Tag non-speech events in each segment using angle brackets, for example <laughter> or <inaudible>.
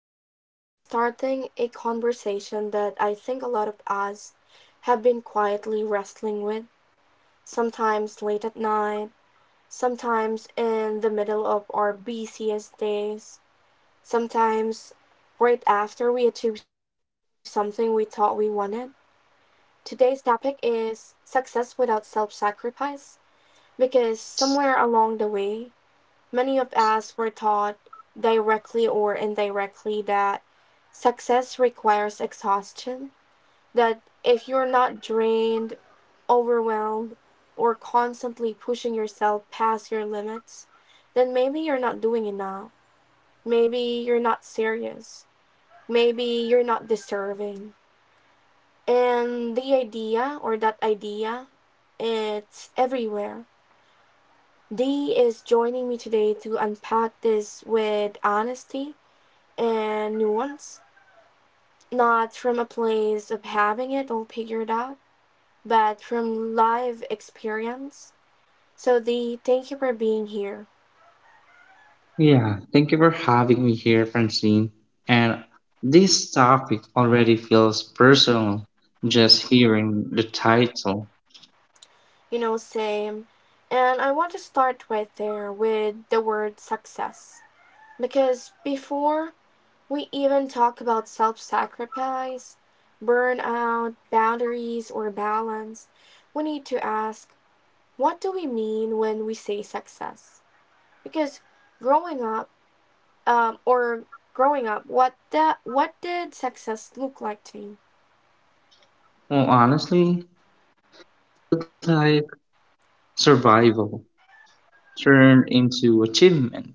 and today we're starting a conversation that I think a lot of us have been quietly wrestling with, sometimes late at night, sometimes in the middle of our busiest days, sometimes right after we achieve something we thought we wanted. Today's topic is success without self sacrifice because somewhere along the way, many of us were taught, directly or indirectly, that success requires exhaustion, that if you're not drained, overwhelmed, or constantly pushing yourself past your limits, then maybe you're not doing enough. Maybe you're not serious. Maybe you're not deserving. And the idea, or that idea, it's everywhere. Dee is joining me today to unpack this with honesty and nuanced, not from a place of having it all figured out, but from live experience. So the Thank you for being here. Yeah, thank you for having me here, Francine. And this topic already feels personal just hearing the title. You know, same. And I want to start right there with the word success. Because before we even talk about self sacrifice, burnout, boundaries, or balance, we need to ask, what do we mean when we say success? Because growing up, um, or growing up, what did success look like to me? Well, honestly, it looked like survival turned into achievement,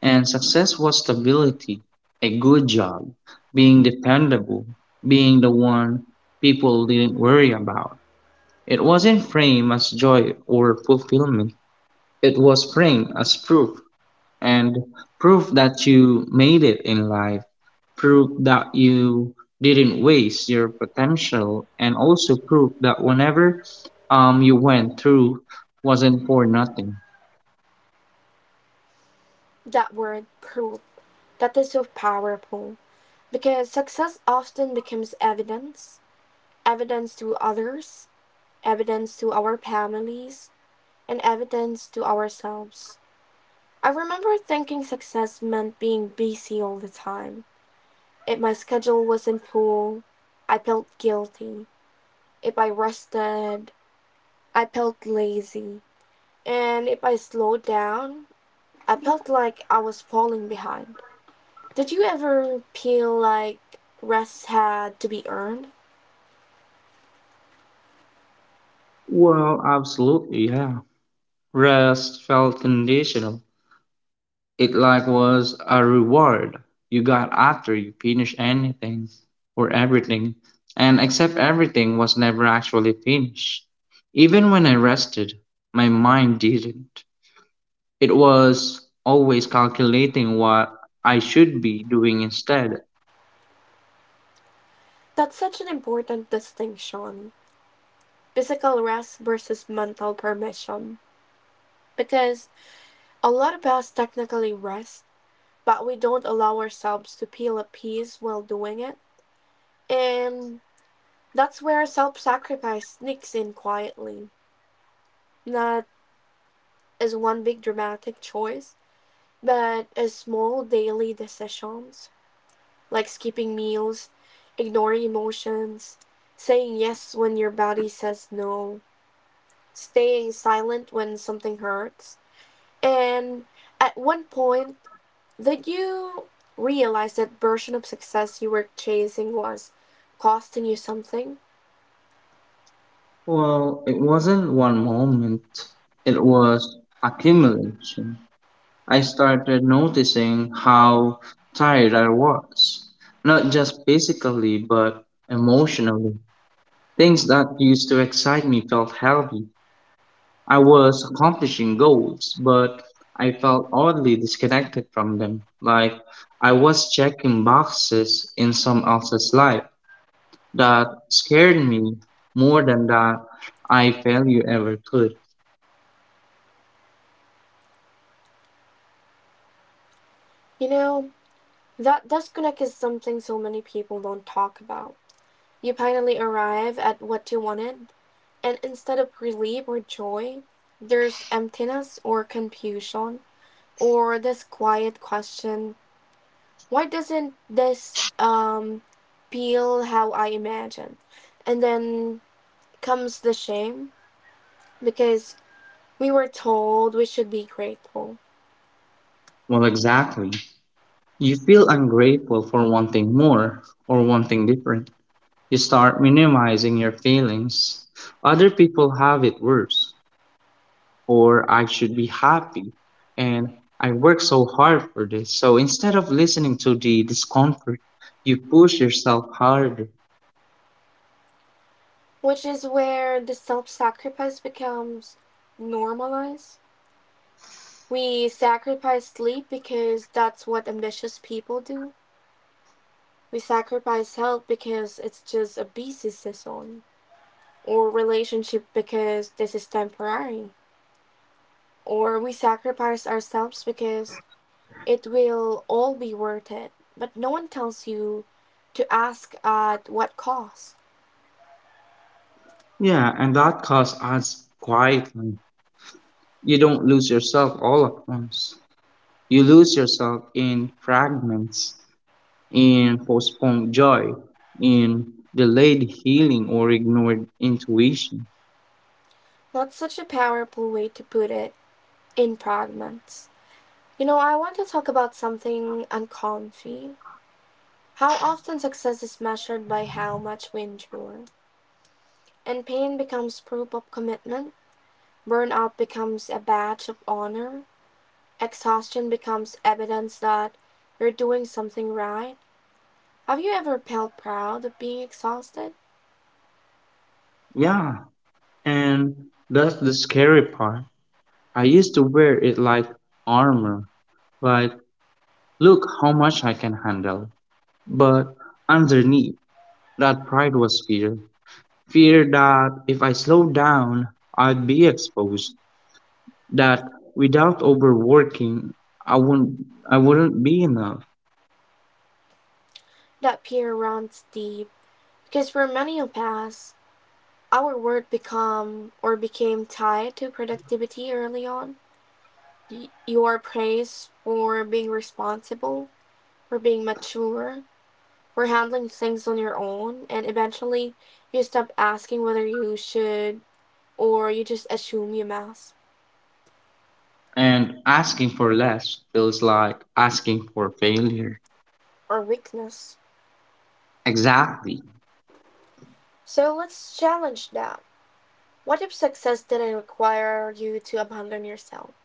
and success was stability, a good job, being dependable, being the one people didn't worry about. It wasn't framed as joy or fulfillment, it was framed as proof and prove that you made it in life, prove that you didn't waste your potential, and also prove that whenever you went through wasn't for nothing. That word, proved, that is so powerful because success often becomes evidence, evidence to others, evidence to our families, and evidence to ourselves. I remember thinking success meant being busy all the time. If my schedule wasn't full, I felt guilty. If I rested, I felt lazy. And if I slowed down, I felt like I was falling behind. Did you ever feel like rest had to be earned? Well, absolutely, yeah. Rest felt conditional. It like was a reward you got after you finished anything or everything, and except everything was never actually finished. Even when I rested, my mind didn't. It was always calculating what I should be doing instead. That's such an important distinction, physical rest versus mental permission. Because a lot of us technically rest, but we don't allow ourselves to feel at peace while doing it. And that's where self sacrifice sneaks in quietly, not as one big dramatic choice, but as small daily decisions, like skipping meals, ignoring emotions, saying yes when your body says no, staying silent when something hurts, and at one point, did you realize that version of success you were chasing was costing you something? Well, it wasn't one moment, it was accumulation. I started noticing how tired I was, not just physically, but emotionally. Things that used to excite me felt heavy. I was accomplishing goals, but I felt oddly disconnected from them. Like I was checking boxes in someone else's life that scared me more than that I failure ever could. You know, that disconnect is something so many people don't talk about. You finally arrive at what you wanted, and instead of relief or joy, there's emptiness or confusion, or this quiet question, why doesn't this feel how I imagine? And then comes the shame because we were told we should be grateful, Well, exactly. You feel ungrateful for wanting more or wanting different. You start minimizing your feelings. Other people have it worse, or I should be happy. And I work so hard for this. So instead of listening to the discomfort, you push yourself harder. which is where the self sacrifice becomes normalized. We sacrifice sleep because that's what ambitious people do. We sacrifice health because it's just a busy season, or relationship because this is temporary, or we sacrifice ourselves because it will all be worth it. But no one tells you to ask, at what cost. Yeah, and that cause adds quietly. You don't lose yourself all at once. You lose yourself in fragments, in postponed joy, in delayed healing or ignored intuition. That's such a powerful way to put it, in fragments. You know, I want to talk about something uncomfy. How often success is measured by how much we endure, and pain becomes proof of commitment. Burnout becomes a badge of honor. Exhaustion becomes evidence that you're doing something right. Have you ever felt proud of being exhausted? Yeah, and that's the scary part. I used to wear it like armor, like look how much I can handle. But underneath that pride was fear. Fear that if I slowed down, I'd be exposed. That without overworking, I wouldn't, I wouldn't be enough. That fear runs deep because for many of us, our work become or became tied to productivity early on. You are praised for being responsible, for being mature, for handling things on your own, and eventually you stop asking whether you should, or you just assume you must. And asking for less feels like asking for failure. Or weakness. Exactly. So let's challenge that. What if success didn't require you to abandon yourself?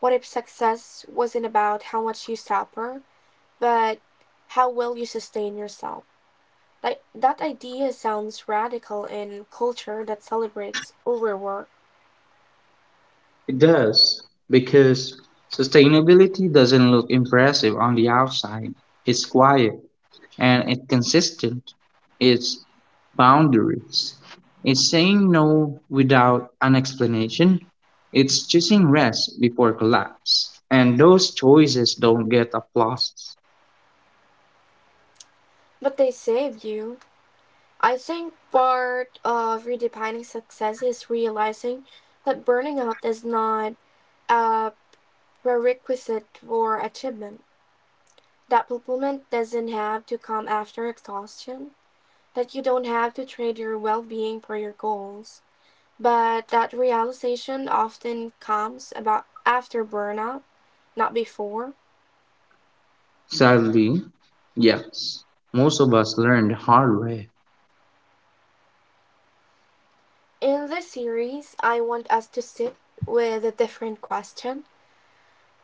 What if success wasn't about how much you suffer, but how well you sustain yourself? Like, that idea sounds radical in culture that celebrates overwork, It does. Because sustainability doesn't look impressive on the outside. It's quiet, and it consistent its boundaries. It's saying no without an explanation. It's choosing rest before collapse. And those choices don't get applause. but they save you. I think part of redefining success is realizing that burning out is not a prerequisite for achievement, that fulfillment doesn't have to come after exhaustion, that you don't have to trade your well being for your goals, but that realization often comes about after burnout, not before. Sadly, yes, most of us learn the hard way. In this series, I want us to sit with a different question,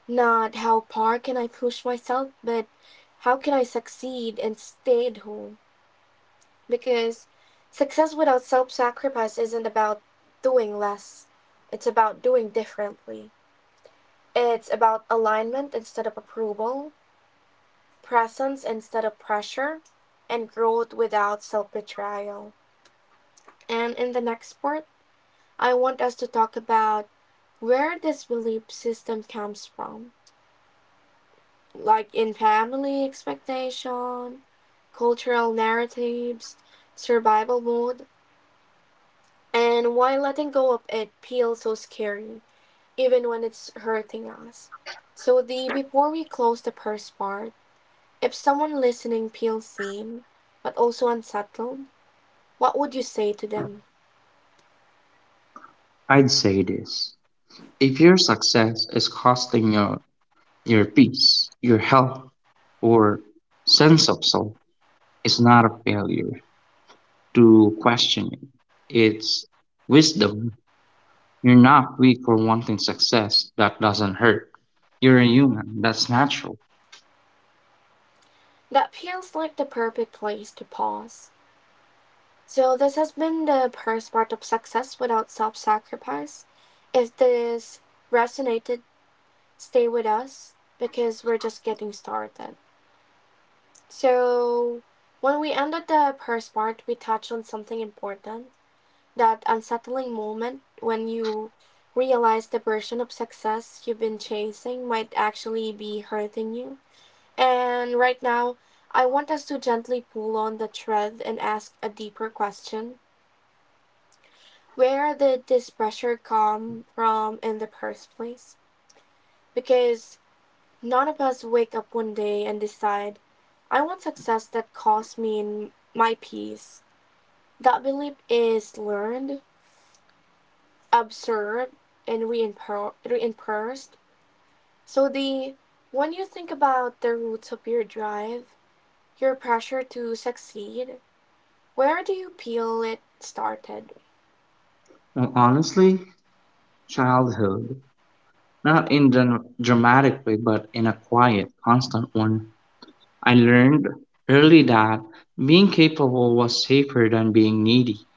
not how far can I push myself, but how can I succeed and stay at home? Because success without self sacrifice isn't about doing less, it's about doing differently. It's about alignment instead of approval, presence instead of pressure, and growth without self betrayal. And in the next part, I want us to talk about where this belief system comes from, like in family expectation, cultural narratives, survival mode, and why letting go of it feels so scary, even when it's hurting us. So the Before we close the first part, if someone listening feels sane, but also unsettled, what would you say to them? I'd say this. If your success is costing your peace, your health, or sense of soul, it's not a failure to question it. It's wisdom. You're not weak for wanting success. That doesn't hurt. You're a human. That's natural. That feels like the perfect place to pause. So this has been the first part of success without self-sacrifice. If this resonated, stay with us because we're just getting started. So when we ended the first part, we touched on something important, that unsettling moment when you realize the version of success you've been chasing might actually be hurting you. And right now, I want us to gently pull on the thread and ask a deeper question. Where did this pressure come from in the first place? Because none of us wake up one day and decide, I want success that costs me my peace. That belief is learned, observed, and reinforced. So the When you think about the roots of your drive, your pressure to succeed, where do you feel it started? And honestly, childhood, not in the dramatic way, but in a quiet, constant one, I learned early that being capable was safer than being needy.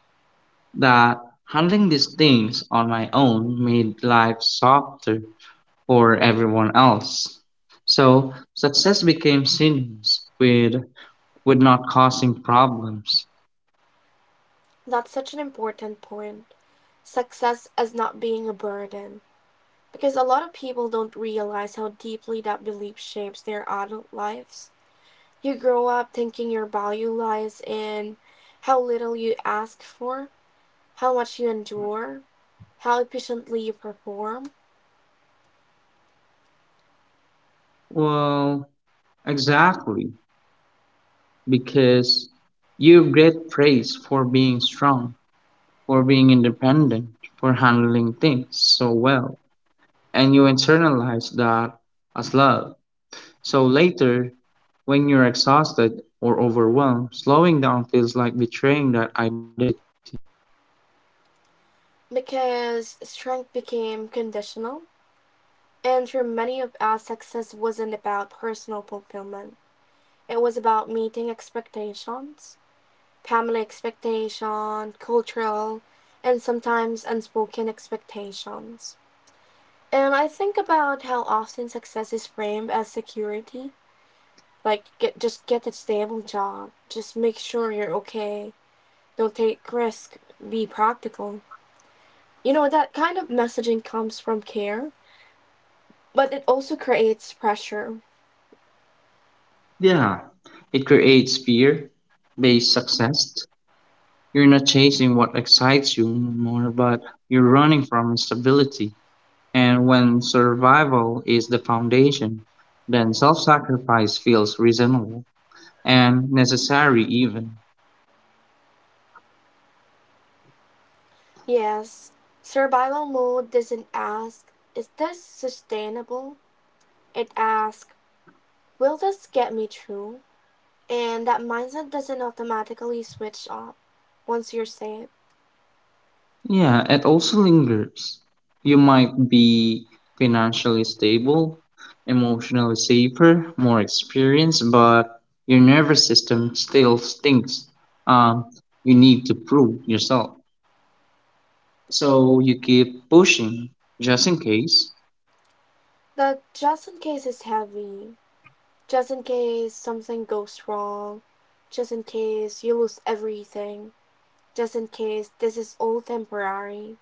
That handling these things on my own made life softer or everyone else. So success became synonymous with not causing problems. That's such an important point. Success as not being a burden. Because a lot of people don't realize how deeply that belief shapes their adult lives. You grow up thinking your value lies in how little you ask for, how much you endure, how efficiently you perform, Well, exactly, because you get praise for being strong, for being independent, for handling things so well, and you internalize that as love. So later, when you're exhausted or overwhelmed, slowing down feels like betraying that identity. because strength became conditional. And for many of us, success wasn't about personal fulfillment. It was about meeting expectations, family expectation, cultural, and sometimes unspoken expectations. And I think about how often success is framed as security, like get a stable job, just make sure you're okay, don't take risk, be practical. You know, that kind of messaging comes from care, but it also creates pressure. Yeah, it creates fear based success. You're not chasing what excites you anymore, but you're running from instability. And when survival is the foundation, then self sacrifice feels reasonable and necessary, even. Yes, survival mode doesn't ask, is this sustainable? It asks, will this get me through? And that mindset doesn't automatically switch off once you're safe. Yeah, it also lingers. You might be financially stable, emotionally safer, more experienced, but your nervous system still stinks. Um, you need to prove yourself. So you keep pushing just in case. The just in case is heavy. Just in case something goes wrong. Just in case you lose everything. Just in case this is all temporary.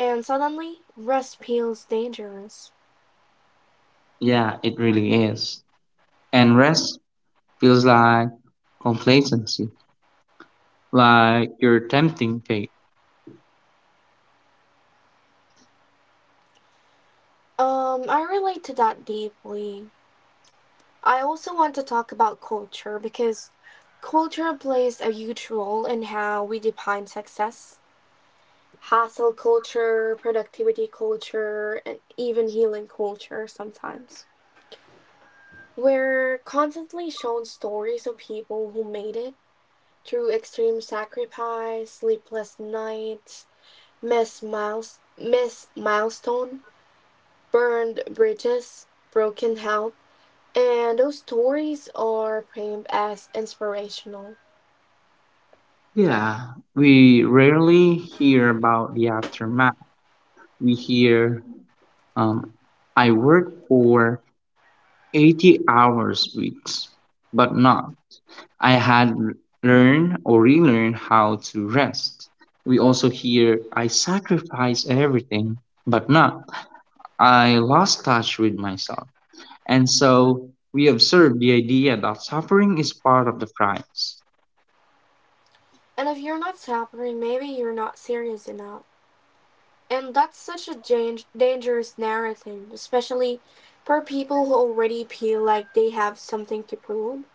And suddenly, rest feels dangerous. Yeah, it really is. And rest feels like complacency, like you're tempting fate. I relate to that deeply. I also want to talk about culture, because culture plays a huge role in how we define success. Hustle culture, productivity culture, and even healing culture sometimes. We're constantly shown stories of people who made it through extreme sacrifice, sleepless nights, missed milestone, burned bridges, broken health, and those stories are framed as inspirational. Yeah, we rarely hear about the aftermath. We hear Um, I worked for 80 hours weeks, but not. I had learned or relearned how to rest. We also hear I sacrifice everything, but not. I lost touch with myself. And so we observe the idea that suffering is part of the price. And if you're not suffering, maybe you're not serious enough. And that's such a dangerous narrative, especially for people who already feel like they have something to prove,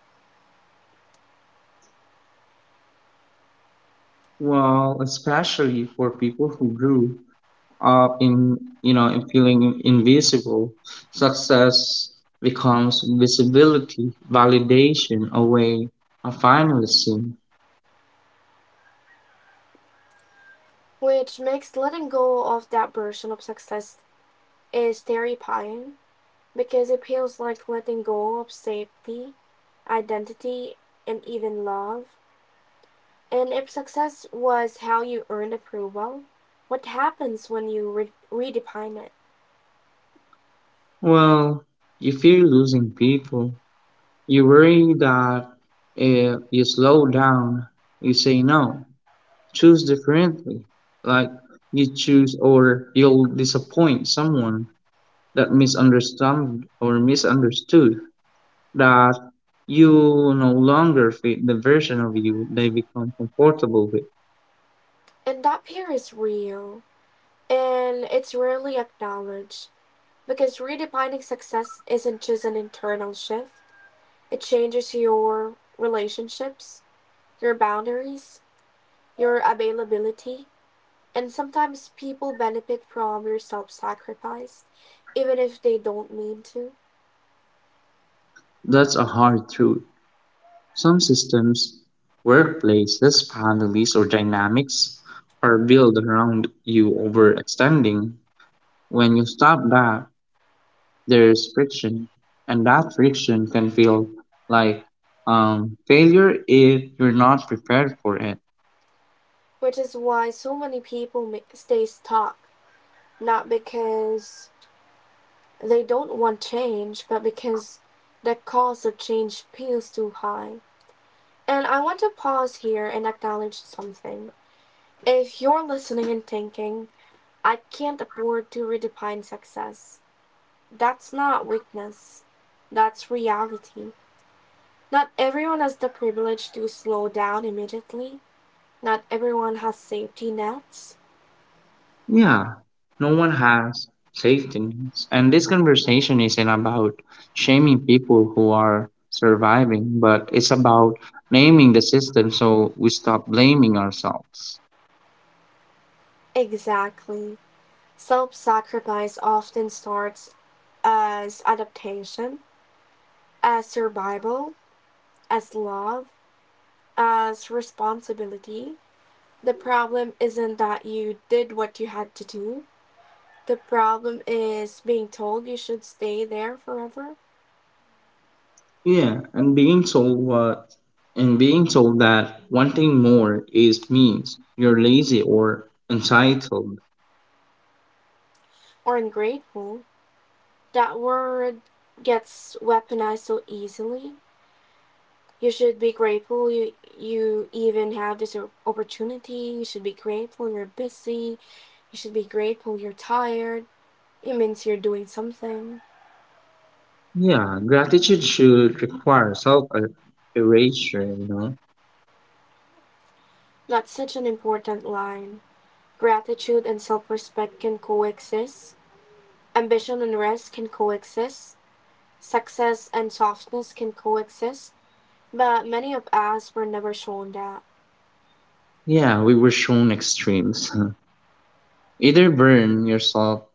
Well, especially for people who grew up in you know in feeling invisible, success becomes visibility validation, a way of finalism. which makes letting go of that version of success is terrifying because it feels like letting go of safety, identity, and even love. And if success was how you earned approval, what happens when you redefine it? Well, you fear losing people. You worry that if you slow down, you say no, choose differently, like you choose, or you'll disappoint someone that misunderstood or misunderstood that you no longer fit the version of you they become comfortable with. And that fear is real. And it's rarely acknowledged because redefining success isn't just an internal shift, it changes your relationships, your boundaries, your availability, and sometimes people benefit from your self sacrifice, even if they don't mean to. That's a hard truth. Some systems, workplaces, families, or dynamics are built around you overextending. When you stop that, there's friction, and that friction can feel like failure if you're not prepared for it. Which is why so many people stay stuck, not because they don't want change, but because the cost of change feels too high. And I want to pause here and acknowledge something. If you're listening and thinking, I can't afford to redefine success, that's not weakness, that's reality. Not everyone has the privilege to slow down immediately, not everyone has safety nets. Yeah, no one has safety nets. And this conversation isn't about shaming people who are surviving, but it's about naming the system so we stop blaming ourselves. Exactly. Self sacrifice often starts as adaptation, as survival, as love, as responsibility. The problem isn't that you did what you had to do. The problem is being told you should stay there forever. Yeah, and being told that wanting more is means you're lazy or entitled. Or ungrateful. That word gets weaponized so easily. You should be grateful you even have this opportunity. You should be grateful you're busy. You should be grateful you're tired. It means you're doing something. Yeah, gratitude should require self erasure, you know. That's such an important line. Gratitude and self respect can coexist. Ambition and rest can coexist. Success and softness can coexist, but many of us were never shown that. Yeah, we were shown extremes. <laughs> Either burn yourself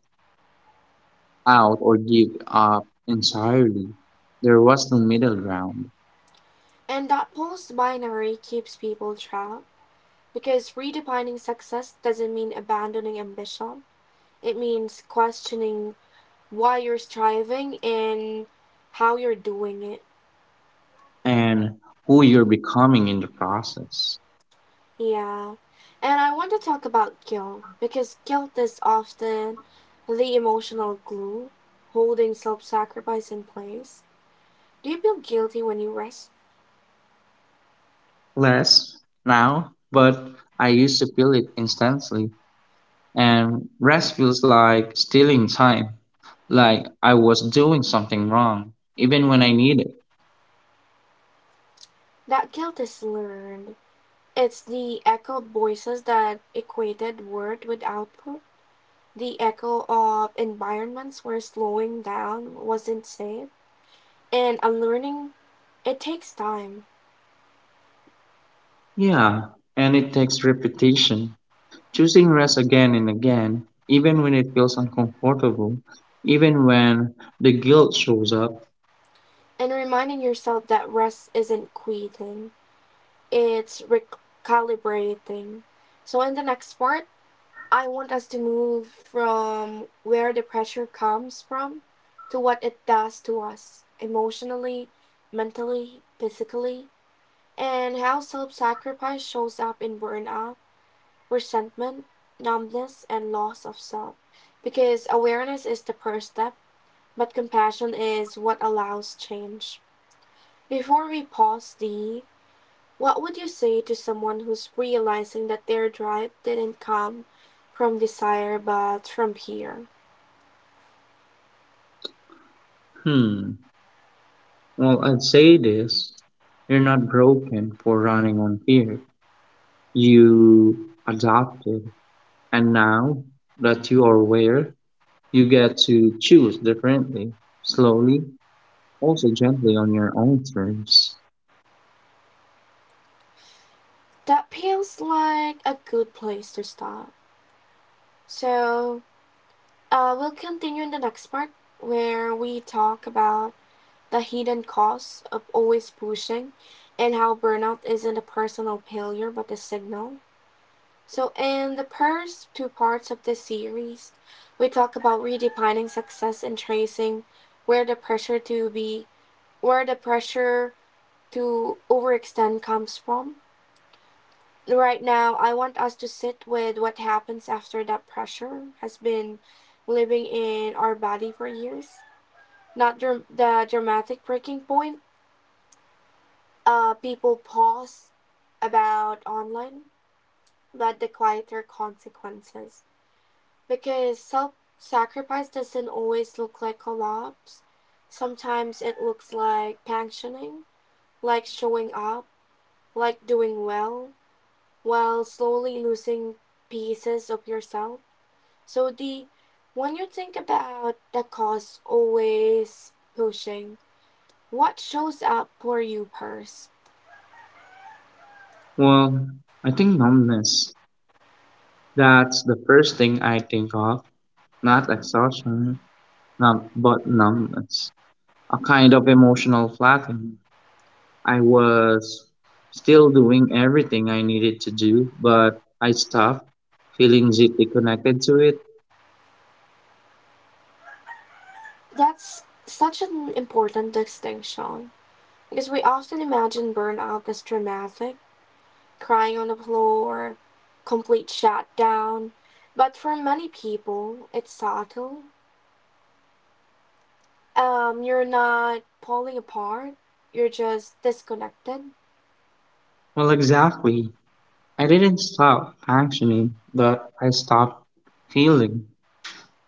out or give up entirely. There was no middle ground And that false binary keeps people trapped because redefining success doesn't mean abandoning ambition. It means questioning why you're striving and how you're doing it. and who you're becoming in the process. Yeah. And I want to talk about guilt because guilt is often the emotional glue holding self sacrifice in place. Do you feel guilty when you rest? Less now, but I used to feel it instantly, and rest feels like stealing time, like I was doing something wrong, even when I need it. That guilt is learned. It's the echoed voices that equated word with output, the echo of environments where slowing down wasn't safe. And unlearning, it takes time. Yeah, and it takes repetition. Choosing rest again and again, even when it feels uncomfortable, even when the guilt shows up. And reminding yourself that rest isn't quitting, it's recalibrating. So, in the next part, I want us to move from where the pressure comes from to what it does to us emotionally, mentally, physically, and how self sacrifice shows up in burnout, resentment, numbness, and loss of self. Because awareness is the first step, but compassion is what allows change. Before we pause, Dee, what would you say to someone who's realizing that their drive didn't come from desire but from fear? Hmm. Well, I'd say this. You're not broken for running on fear. You adopted, and now that you are aware, you get to choose differently, slowly, also gently on your own terms. That feels like a good place to stop. So, we'll continue in the next part where we talk about the hidden costs of always pushing, and how burnout isn't a personal failure but a signal. So, in the first two parts of this series, we talk about redefining success and tracing where the pressure to be, where the pressure to overextend comes from. Right now, I want us to sit with what happens after that pressure has been living in our body for years. Not the dramatic breaking point, people pause about online, but the quieter consequences. Because self sacrifice doesn't always look like collapse. Sometimes it looks like pensioning, like showing up, like doing well, while slowly losing pieces of yourself. So the when you think about the cost always pushing, what shows up for you first? Well, I think numbness. That's the first thing I think of. Not exhaustion, not, but numbness. A kind of emotional flattening. I was still doing everything I needed to do, but I stopped feeling deeply connected to it. That's such an important distinction because we often imagine burnout as dramatic, crying on the floor, complete shutdown. But for many people, it's subtle. You're not falling apart, you're just disconnected. Well, exactly. I didn't stop functioning, but I stopped feeling.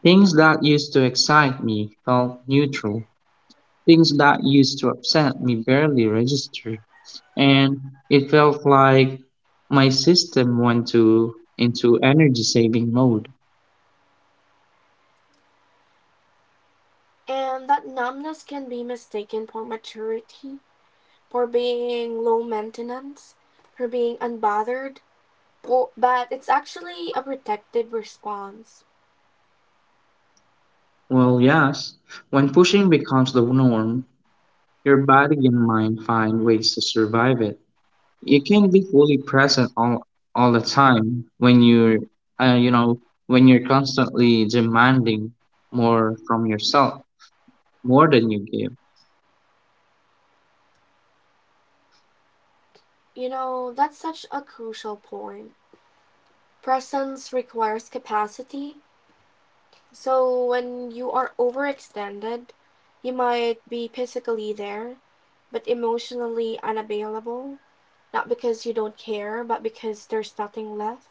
Things that used to excite me felt neutral. Things that used to upset me barely registered. And it felt like my system went to, into energy saving mode. And that numbness can be mistaken for maturity, for being low maintenance, for being unbothered. But it's actually a protective response. Well, yes, when pushing becomes the norm, your body and mind find ways to survive it. You can't be fully present all the time when you're, you know, when you're constantly demanding more from yourself, more than you give. You know, that's such a crucial point. Presence requires capacity. So when you are overextended, you might be physically there, but emotionally unavailable. Not because you don't care, but because there's nothing left.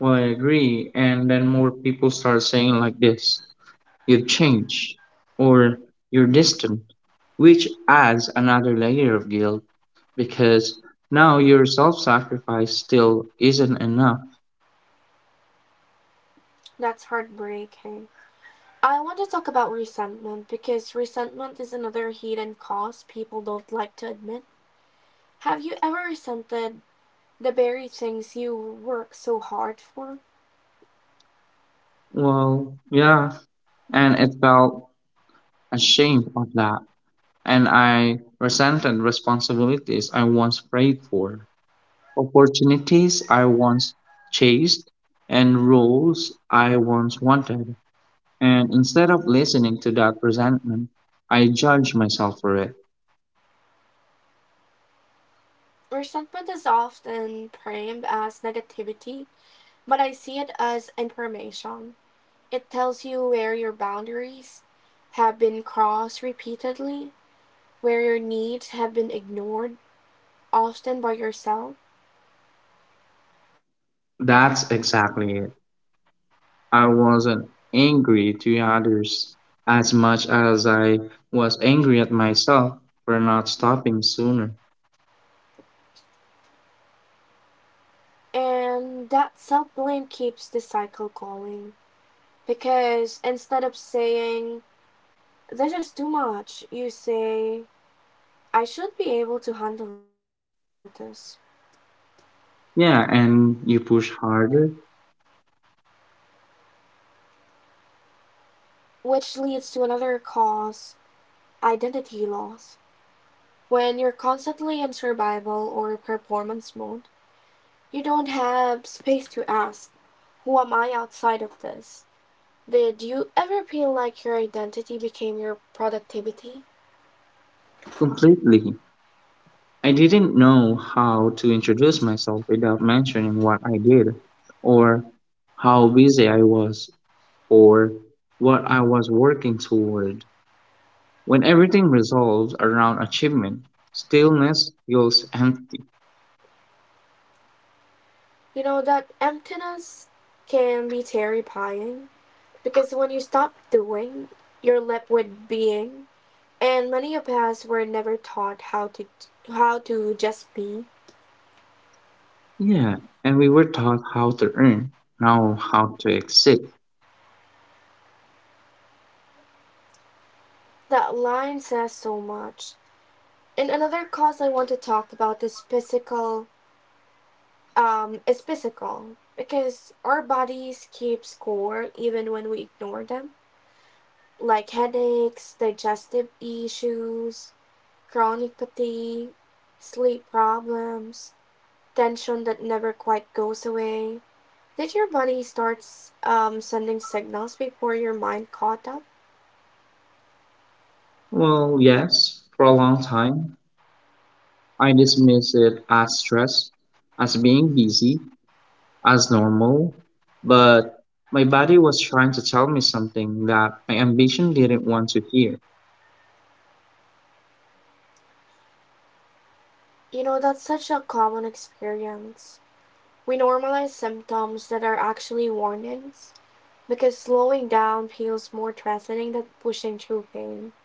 Well, I agree. And then more people start saying like this: "You've changed," or "You're distant," which adds another layer of guilt because now your self-sacrifice still isn't enough. That's heartbreaking. I want to talk about resentment because resentment is another hidden cause people don't like to admit. Have you ever resented the very things you work so hard for? Well, yeah, and it felt ashamed of that. And I resented responsibilities I once prayed for, opportunities I once chased, and roles I once wanted. And instead of listening to that resentment, I judged myself for it. Resentment is often framed as negativity, but I see it as information. It tells you where your boundaries have been crossed repeatedly, where your needs have been ignored, often by yourself. That's exactly it. I wasn't angry to others as much as I was angry at myself for not stopping sooner. And that self blame keeps the cycle going. Because instead of saying, this is too much, you say, I should be able to handle this. Yeah, and you push harder. Which leads to another cause identity loss. When you're constantly in survival or performance mode, you don't have space to ask, who am I outside of this? Did you ever feel like your identity became your productivity? Completely. I didn't know how to introduce myself without mentioning what I did, or how busy I was, or what I was working toward. When everything resolves around achievement, stillness feels empty. You know, that emptiness can be terrifying because when you stop doing, you're left with being. And many of us were never taught how to just be. Yeah, and we were taught how to earn, now how to exit. That line says so much. And another cause I want to talk about is physical because our bodies keep score even when we ignore them, like headaches, digestive issues, chronic fatigue, sleep problems, tension that never quite goes away. Did your body start sending signals before your mind caught up? Well, yes, for a long time, I dismissed it as stress, as being busy, as normal, but my body was trying to tell me something that my ambition didn't want to hear. You know, that's such a common experience. We normalize symptoms that are actually warnings because slowing down feels more threatening than pushing through pain.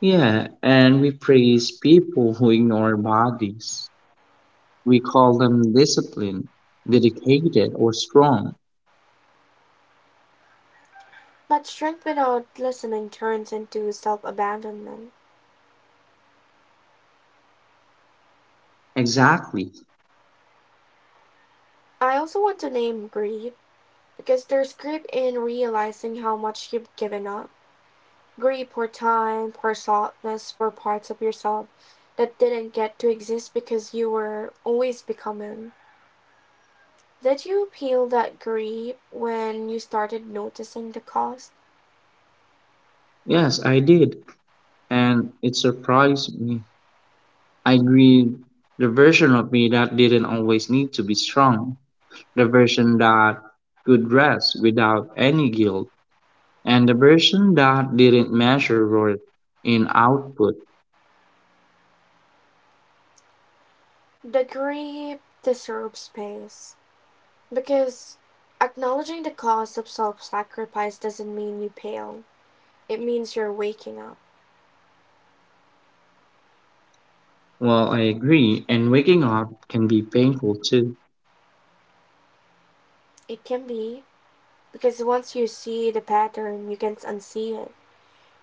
Yeah, and we praise people who ignore bodies. We call them disciplined, dedicated, or strong. But strength without listening turns into self abandonment. Exactly. I also want to name grief, because there's grief in realizing how much you've given up. Grief for time, for softness, for parts of yourself that didn't get to exist because you were always becoming. Did you feel that grief when you started noticing the cost? Yes, I did. And it surprised me. I agreed the version of me that didn't always need to be strong, the version that could rest without any guilt. And the version that didn't measure worth in output. The grief deserves space, because acknowledging the cost of self sacrifice doesn't mean you fail. It means you're waking up. Well, I agree, and waking up can be painful too. It can be, because once you see the pattern, you can't unsee it.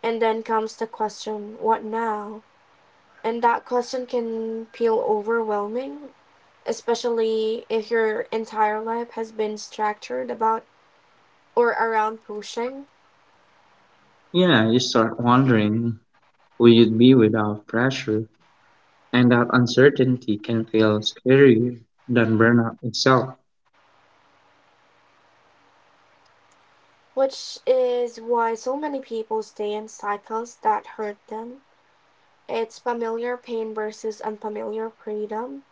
And then comes the question, what now? And that question can feel overwhelming, especially if your entire life has been structured about or around pushing, Yeah, you start wondering who you'd be without pressure, and that uncertainty can feel scarier than burnout itself. which is why so many people stay in cycles that hurt them. It's familiar pain versus unfamiliar freedom.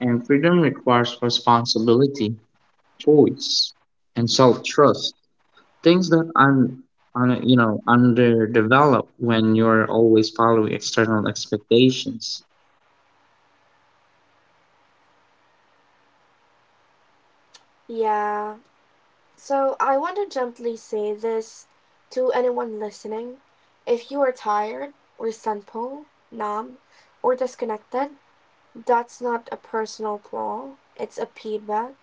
And freedom requires responsibility, choice, and self-trust. Things that un, un you know underdevelop when you're always following external expectations. Yeah, so I want to gently say this to anyone listening. If you are tired, resentful, numb, or disconnected, that's not a personal flaw. It's a feedback.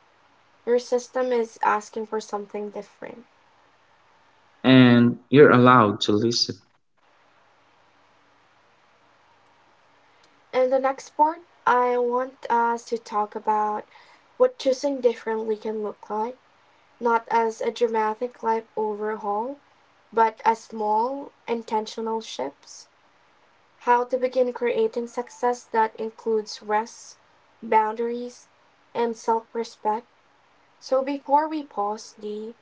Your system is asking for something different. And you're allowed to listen. In the next part, I want us to talk about what choosing differently can look like, not as a dramatic life overhaul, but as small, intentional shifts. How to begin creating success that includes rest, boundaries, and self respect. So, before we pause, Dee,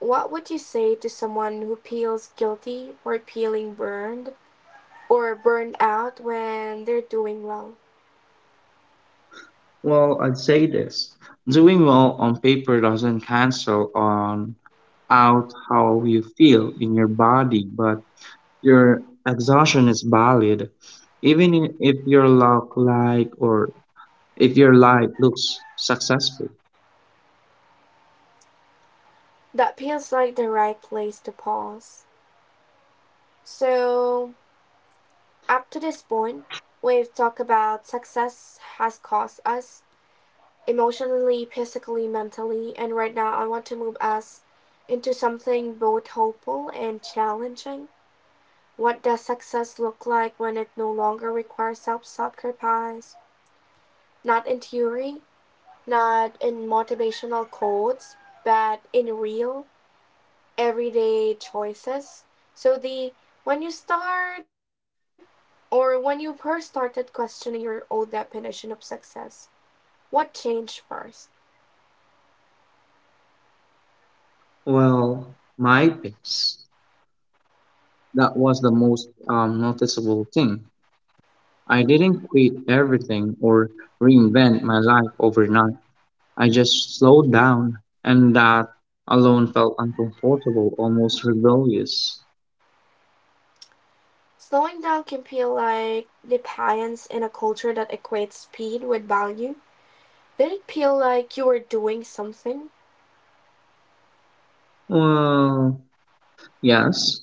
what would you say to someone who feels guilty or feeling burned or burned out when they're doing well? Well, I'd say this. Doing well on paper doesn't cancel on out how you feel in your body, but your exhaustion is valid. Even if your look like or if your life looks successful. That feels like the right place to pause. So, up to this point, we've talked about success has cost us emotionally, physically, mentally, and right now I want to move us into something both hopeful and challenging. What does success look like when it no longer requires self sacrifice? Not in theory, not in motivational quotes, but in real, everyday choices. So, the when you start when you first started questioning your old definition of success, what changed first? Well, my pace. That was the most noticeable thing. I didn't quit everything or reinvent my life overnight. I just slowed down, and that alone felt uncomfortable, almost rebellious. Slowing down can feel like defiance in a culture that equates speed with value. Did it feel like you were doing something? Well, yes,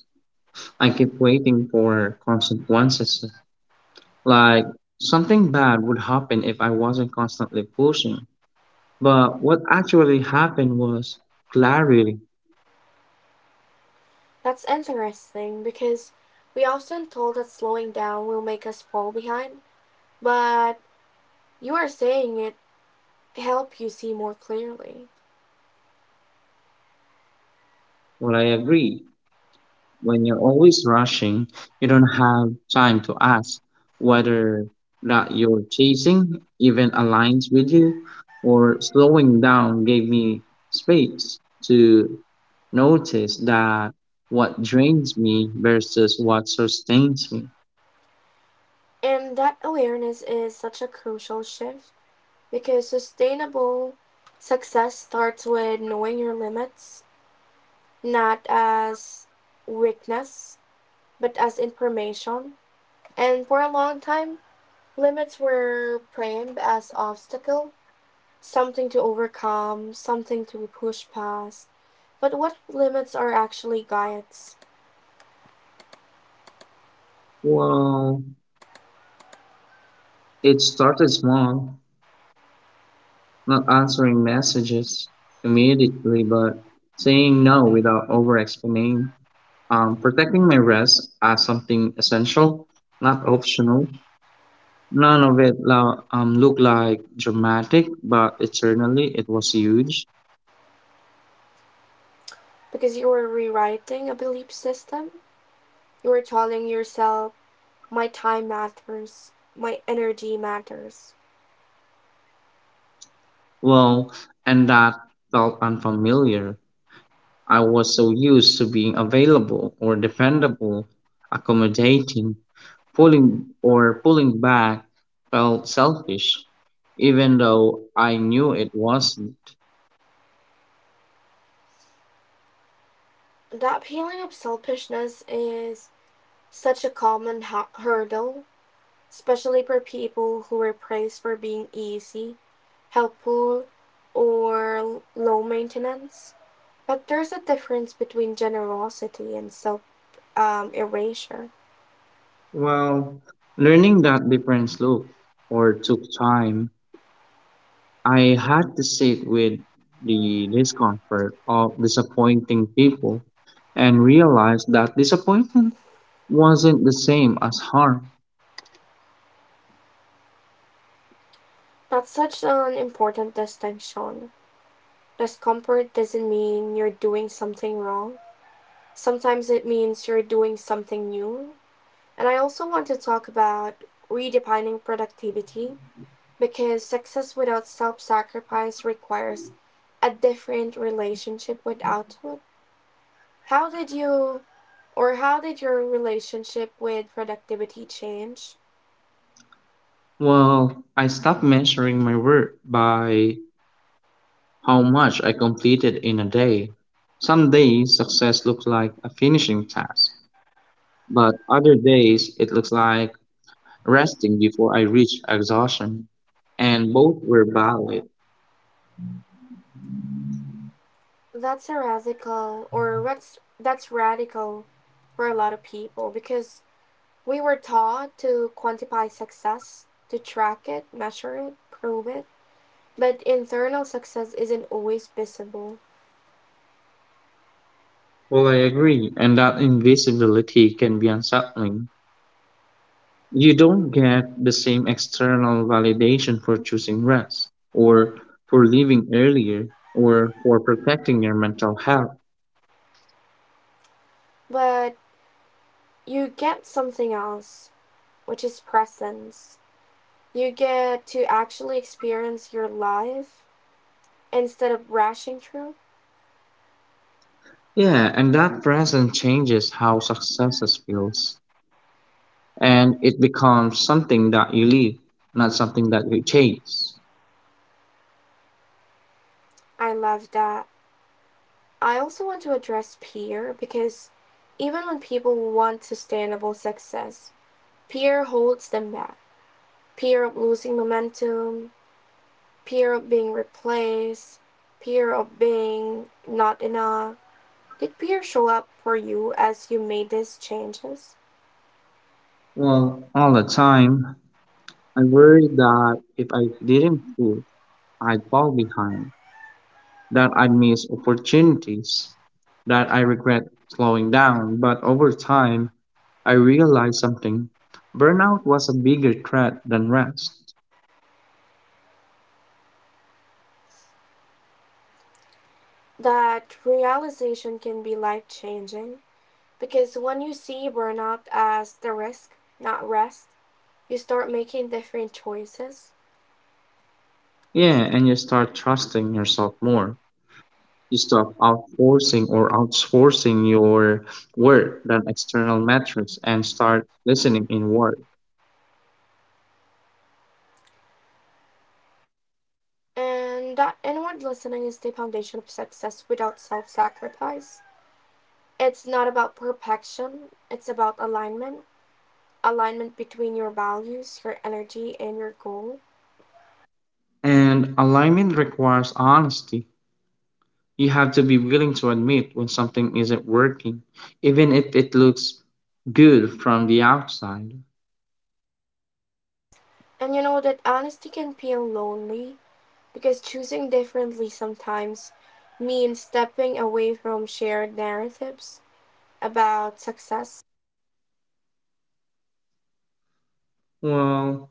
I kept waiting for consequences, like something bad would happen if I wasn't constantly pushing. But what actually happened was clarity. That's interesting because we often told that slowing down will make us fall behind, but you are saying it help you see more clearly. Well, I agree. When you're always rushing, you don't have time to ask whether that you're chasing even aligns with you, or slowing down gave me space to notice that what drains me versus what sustains me. And that awareness is such a crucial shift because sustainable success starts with knowing your limits, not as weakness, but as information. And for a long time, limits were framed as obstacle, something to overcome, something to push past. But what limits are actually guides? Well, it started small, not answering messages immediately, but saying no without over explaining. Protecting my rest as something essential, not optional. None of it looked like dramatic, but eternally it was huge. Because you are rewriting a belief system. You are telling yourself, my time matters, my energy matters. Well, and that felt unfamiliar. I was so used to being available or dependable, accommodating, pulling back felt selfish, even though I knew it wasn't. That feeling of selfishness is such a common hurdle, especially for people who are praised for being easy, helpful, or low maintenance. But there's a difference between generosity and self erasure. Well, learning that difference look or took time. I had to sit with the discomfort of disappointing people and realized that disappointment wasn't the same as harm. That's such an important distinction. Discomfort doesn't mean you're doing something wrong. Sometimes it means you're doing something new. And I also want to talk about redefining productivity because success without self sacrifice requires a different relationship with output. How did you how did your relationship with productivity change? Well, I stopped measuring my work by how much I completed in a day. Some days success looks like a finishing task, but other days it looks like resting before I reach exhaustion. And both were valid. That's a radical, or that's radical for a lot of people because we were taught to quantify success, to track it, measure it, prove it. But internal success isn't always visible. Well, I agree, and that invisibility can be unsettling. You don't get the same external validation for choosing rest, or for leaving earlier, or for protecting your mental health. But you get something else, which is presence. You get to actually experience your life instead of rushing through. Yeah, and that present changes how successes feels. And it becomes something that you live, not something that you chase. I love that. I also want to address peer because even when people want sustainable success, peer holds them back. Peer of losing momentum, peer of being replaced, peer of being not enough. Did peer show up for you as you made these changes? Well, all the time, I worry that if I didn't quit, I'd fall behind, that I miss opportunities, that I regret slowing down. But over time, I realized something. Burnout was a bigger threat than rest. That realization can be life changing because when you see burnout as the risk, not rest, you start making different choices. Yeah, and you start trusting yourself more. You stop outsourcing your work than external metrics and start listening inward. And that inward listening is the foundation of success without self sacrifice. It's not about perfection, it's about alignment. Alignment between your values, your energy, and your goal. And alignment requires honesty. You have to be willing to admit when something isn't working, even if it looks good from the outside. And you know that honesty can feel lonely because choosing differently sometimes means stepping away from shared narratives about success. Well,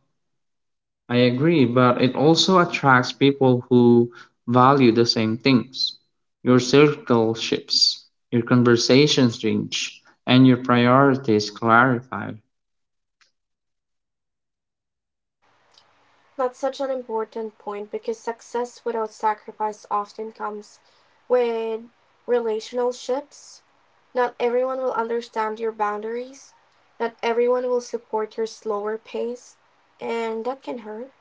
I agree, but it also attracts people who value the same things. Your circle shifts, your conversations change, and your priorities clarify. That's such an important point because success without sacrifice often comes with relationships. Not everyone will understand your boundaries, not everyone will support your slower pace, and that can hurt.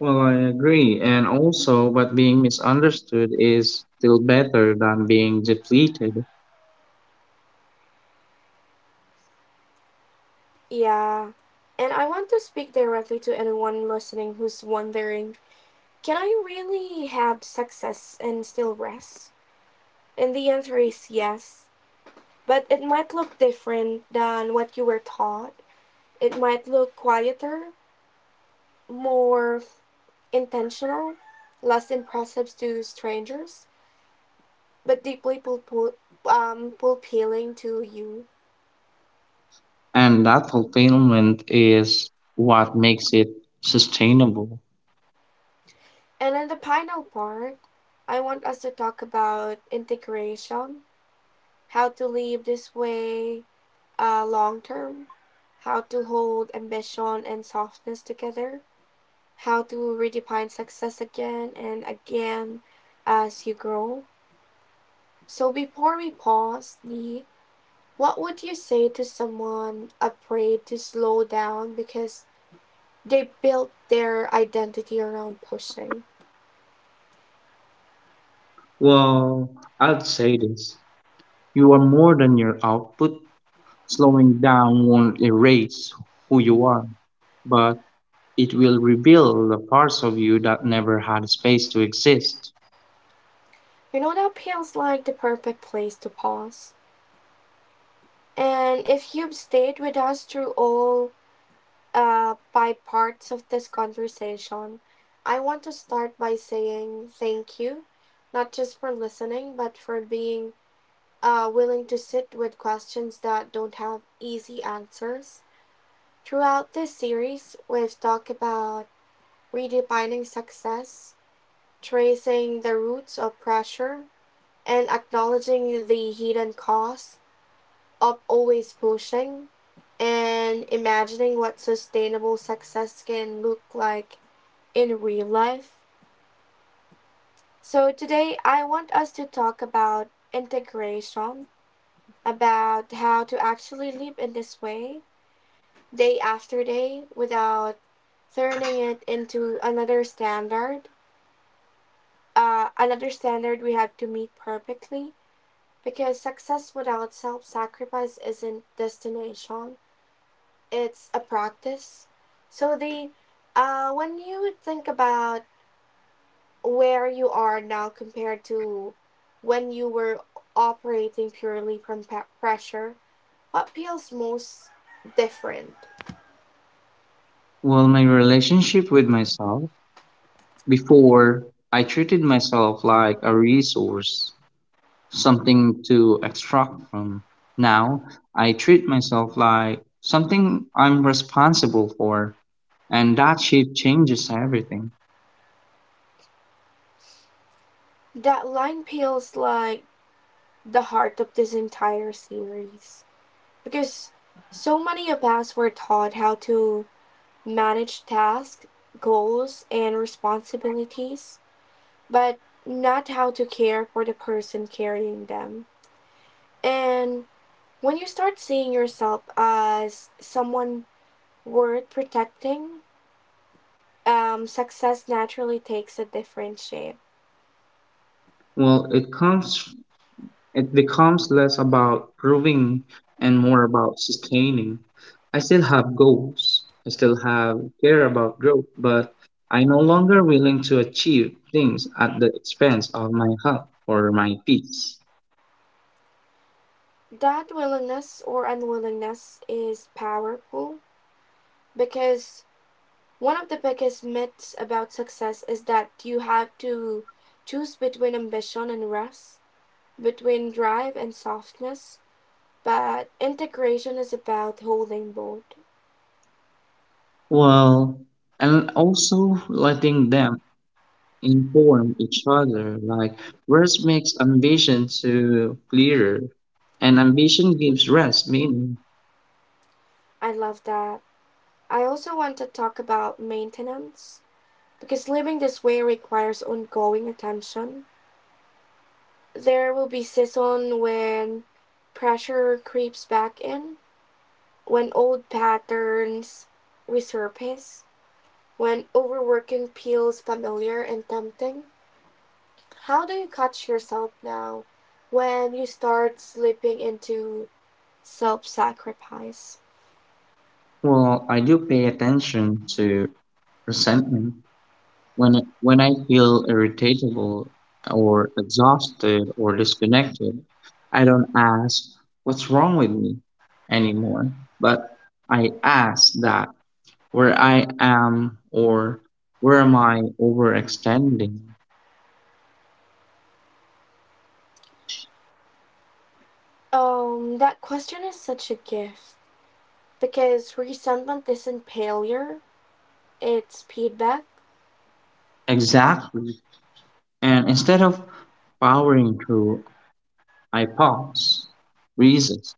Well, I agree, and also, but being misunderstood is still better than being depleted. Yeah. And I want to speak directly to anyone listening who's wondering, can I really have success and still rest? And the answer is yes, but it might look different than what you were taught. It might look quieter, more intentional, less impressive to strangers, but deeply appealing to you. And that fulfillment is what makes it sustainable. And in the final part, I want us to talk about integration, how to live this way long term, how to hold ambition and softness together, how to redefine success again and again as you grow. So before we pause, Lee, what would you say to someone afraid to slow down because they built their identity around pushing? Well, I'd say this: you are more than your output. Slowing down won't erase who you are, but it will reveal the parts of you that never had space to exist. You know, that feels like the perfect place to pause. And if you've stayed with us through all five parts of this conversation, I want to start by saying thank you, not just for listening, but for being willing to sit with questions that don't have easy answers. Throughout this series, we've talked about redefining success, tracing the roots of pressure, and acknowledging the hidden costs of always pushing, and imagining what sustainable success can look like in real life. So, today I want us to talk about integration, about how to actually live in this way day after day without turning it into another standard we have to meet perfectly because success without self sacrifice isn't destination, it's a practice. So the when you think about where you are now compared to when you were operating purely from pressure, what feels most different? Well, my relationship with myself. Before, I treated myself like a resource, something to extract from. Now I treat myself like something I'm responsible for, and that shift changes everything. That line feels like the heart of this entire series because so many of us were taught how to manage tasks, goals, and responsibilities, but not how to care for the person carrying them. And when you start seeing yourself as someone worth protecting, success naturally takes a different shape. Well, it becomes less about proving and more about sustaining. I still have goals. I still have care about growth, but I'm no longer willing to achieve things at the expense of my health or my peace. That willingness or unwillingness is powerful because one of the biggest myths about success is that you have to choose between ambition and rest, between drive and softness, but integration is about holding both. Well, and also letting them inform each other. Like rest makes ambition to clearer, and ambition gives rest meaning. I love that. I also want to talk about maintenance because living this way requires ongoing attention. There will be seasons when pressure creeps back in, when old patterns resurface, when overworking feels familiar and tempting. How do you catch yourself now when you start slipping into self sacrifice? Well, I do pay attention to resentment when I feel irritable or exhausted or disconnected. I don't ask what's wrong with me anymore, but I ask that where I am, or where am I overextending? That question is such a gift because resentment isn't failure, it's feedback. Exactly. And instead of powering through, I pause, resist.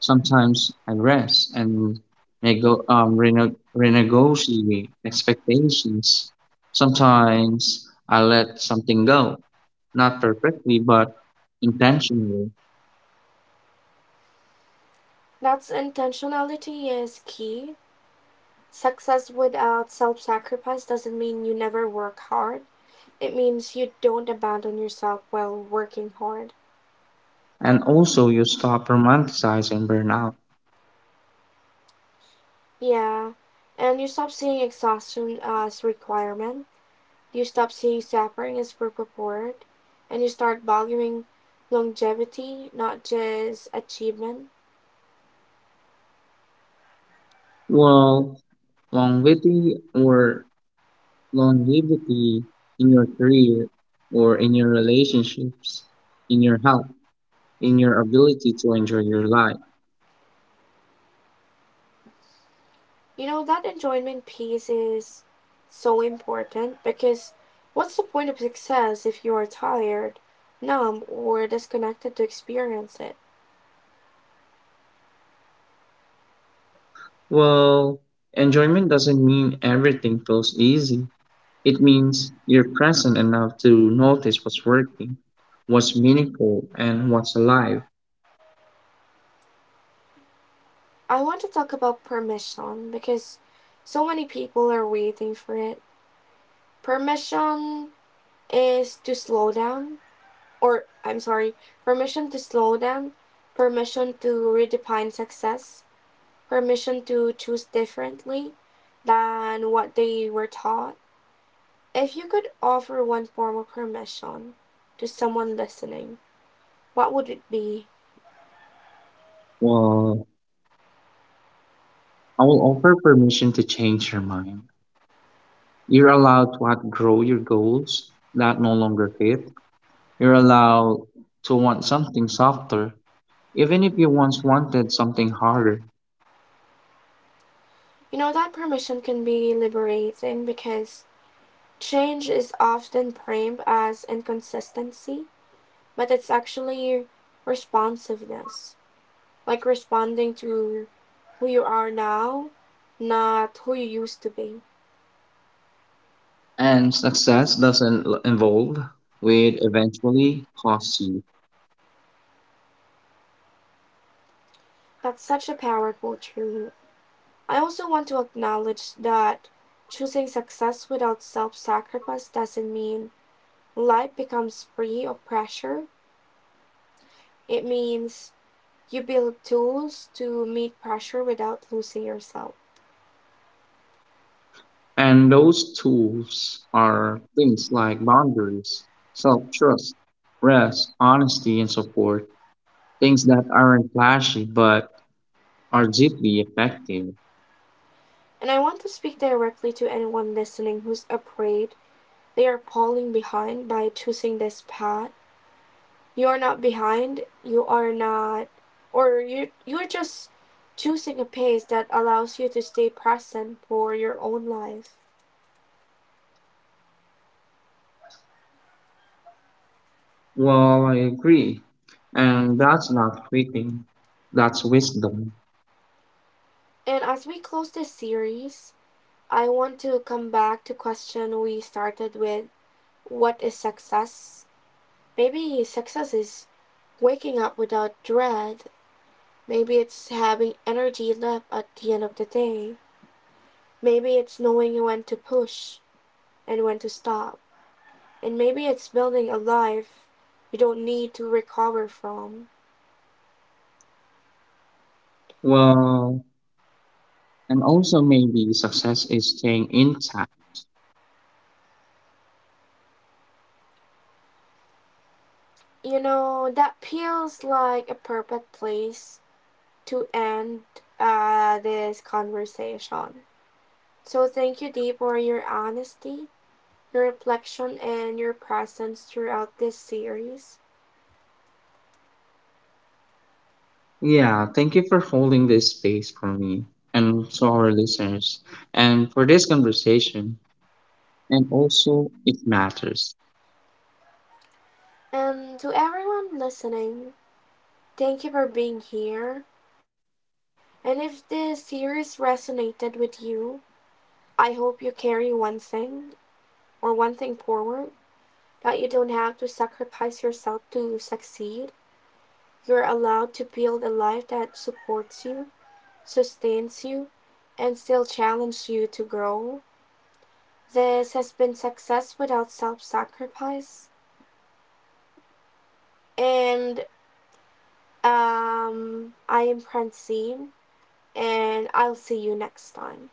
Sometimes I rest and renegotiate expectations. Sometimes I let something go, not perfectly, but intentionally. That's intentionality is key. Success without self sacrifice doesn't mean you never work hard, it means you don't abandon yourself while working hard. And also, you stop romanticizing burnout. Yeah, and you stop seeing exhaustion as requirement. You stop seeing suffering as per purport, and you start valuing longevity, not just achievement. Well, longevity or longevity in your career or in your relationships, in your health, in your ability to enjoy your life. You know, that enjoyment piece is so important because what's the point of success if you are tired, numb, or disconnected to experience it? Well, enjoyment doesn't mean everything feels easy. It means you're present enough to notice what's working, what's meaningful, and what's alive. I want to talk about permission because so many people are waiting for it. Permission is to slow down, or I'm sorry, Permission to slow down, permission to redefine success, permission to choose differently than what they were taught. If you could offer one form of permission to someone listening, what would it be? Well, I will offer permission to change your mind. You're allowed to outgrow your goals that no longer fit. You're allowed to want something softer, even if you once wanted something harder. You know, that permission can be liberating because change is often framed as inconsistency, but it's actually responsiveness, like responding to who you are now, not who you used to be. And success doesn't l- involve will eventually cost you. That's such a powerful truth. I also want to acknowledge that choosing success without self sacrifice doesn't mean life becomes free of pressure. It means you build tools to meet pressure without losing yourself. And those tools are things like boundaries, self trust, rest, honesty, and support. Things that aren't flashy but are deeply effective. And I want to speak directly to anyone listening who's afraid they are falling behind by choosing this path. You are not behind, you are not, or you're just choosing a pace that allows you to stay present for your own life. Well, I agree. And that's not quitting, that's wisdom. And as we close this series, I want to come back to question we started with. What is success? Maybe success is waking up without dread. Maybe it's having energy left at the end of the day. Maybe it's knowing when to push and when to stop. And maybe it's building a life you don't need to recover from. Well, and also maybe success is staying intact. You know, that feels like a perfect place to end this conversation. So thank you, Dee, for your honesty, your reflection, and your presence throughout this series. Yeah, thank you for holding this space for me and to our listeners and for this conversation. And also, it matters. And to everyone listening, thank you for being here. And if this series resonated with you, I hope you carry one thing forward, that you don't have to sacrifice yourself to succeed. You're allowed to build a life that supports you, sustains you, and still challenges you to grow. This has been success without self sacrifice. And I am Francine, and I'll see you next time.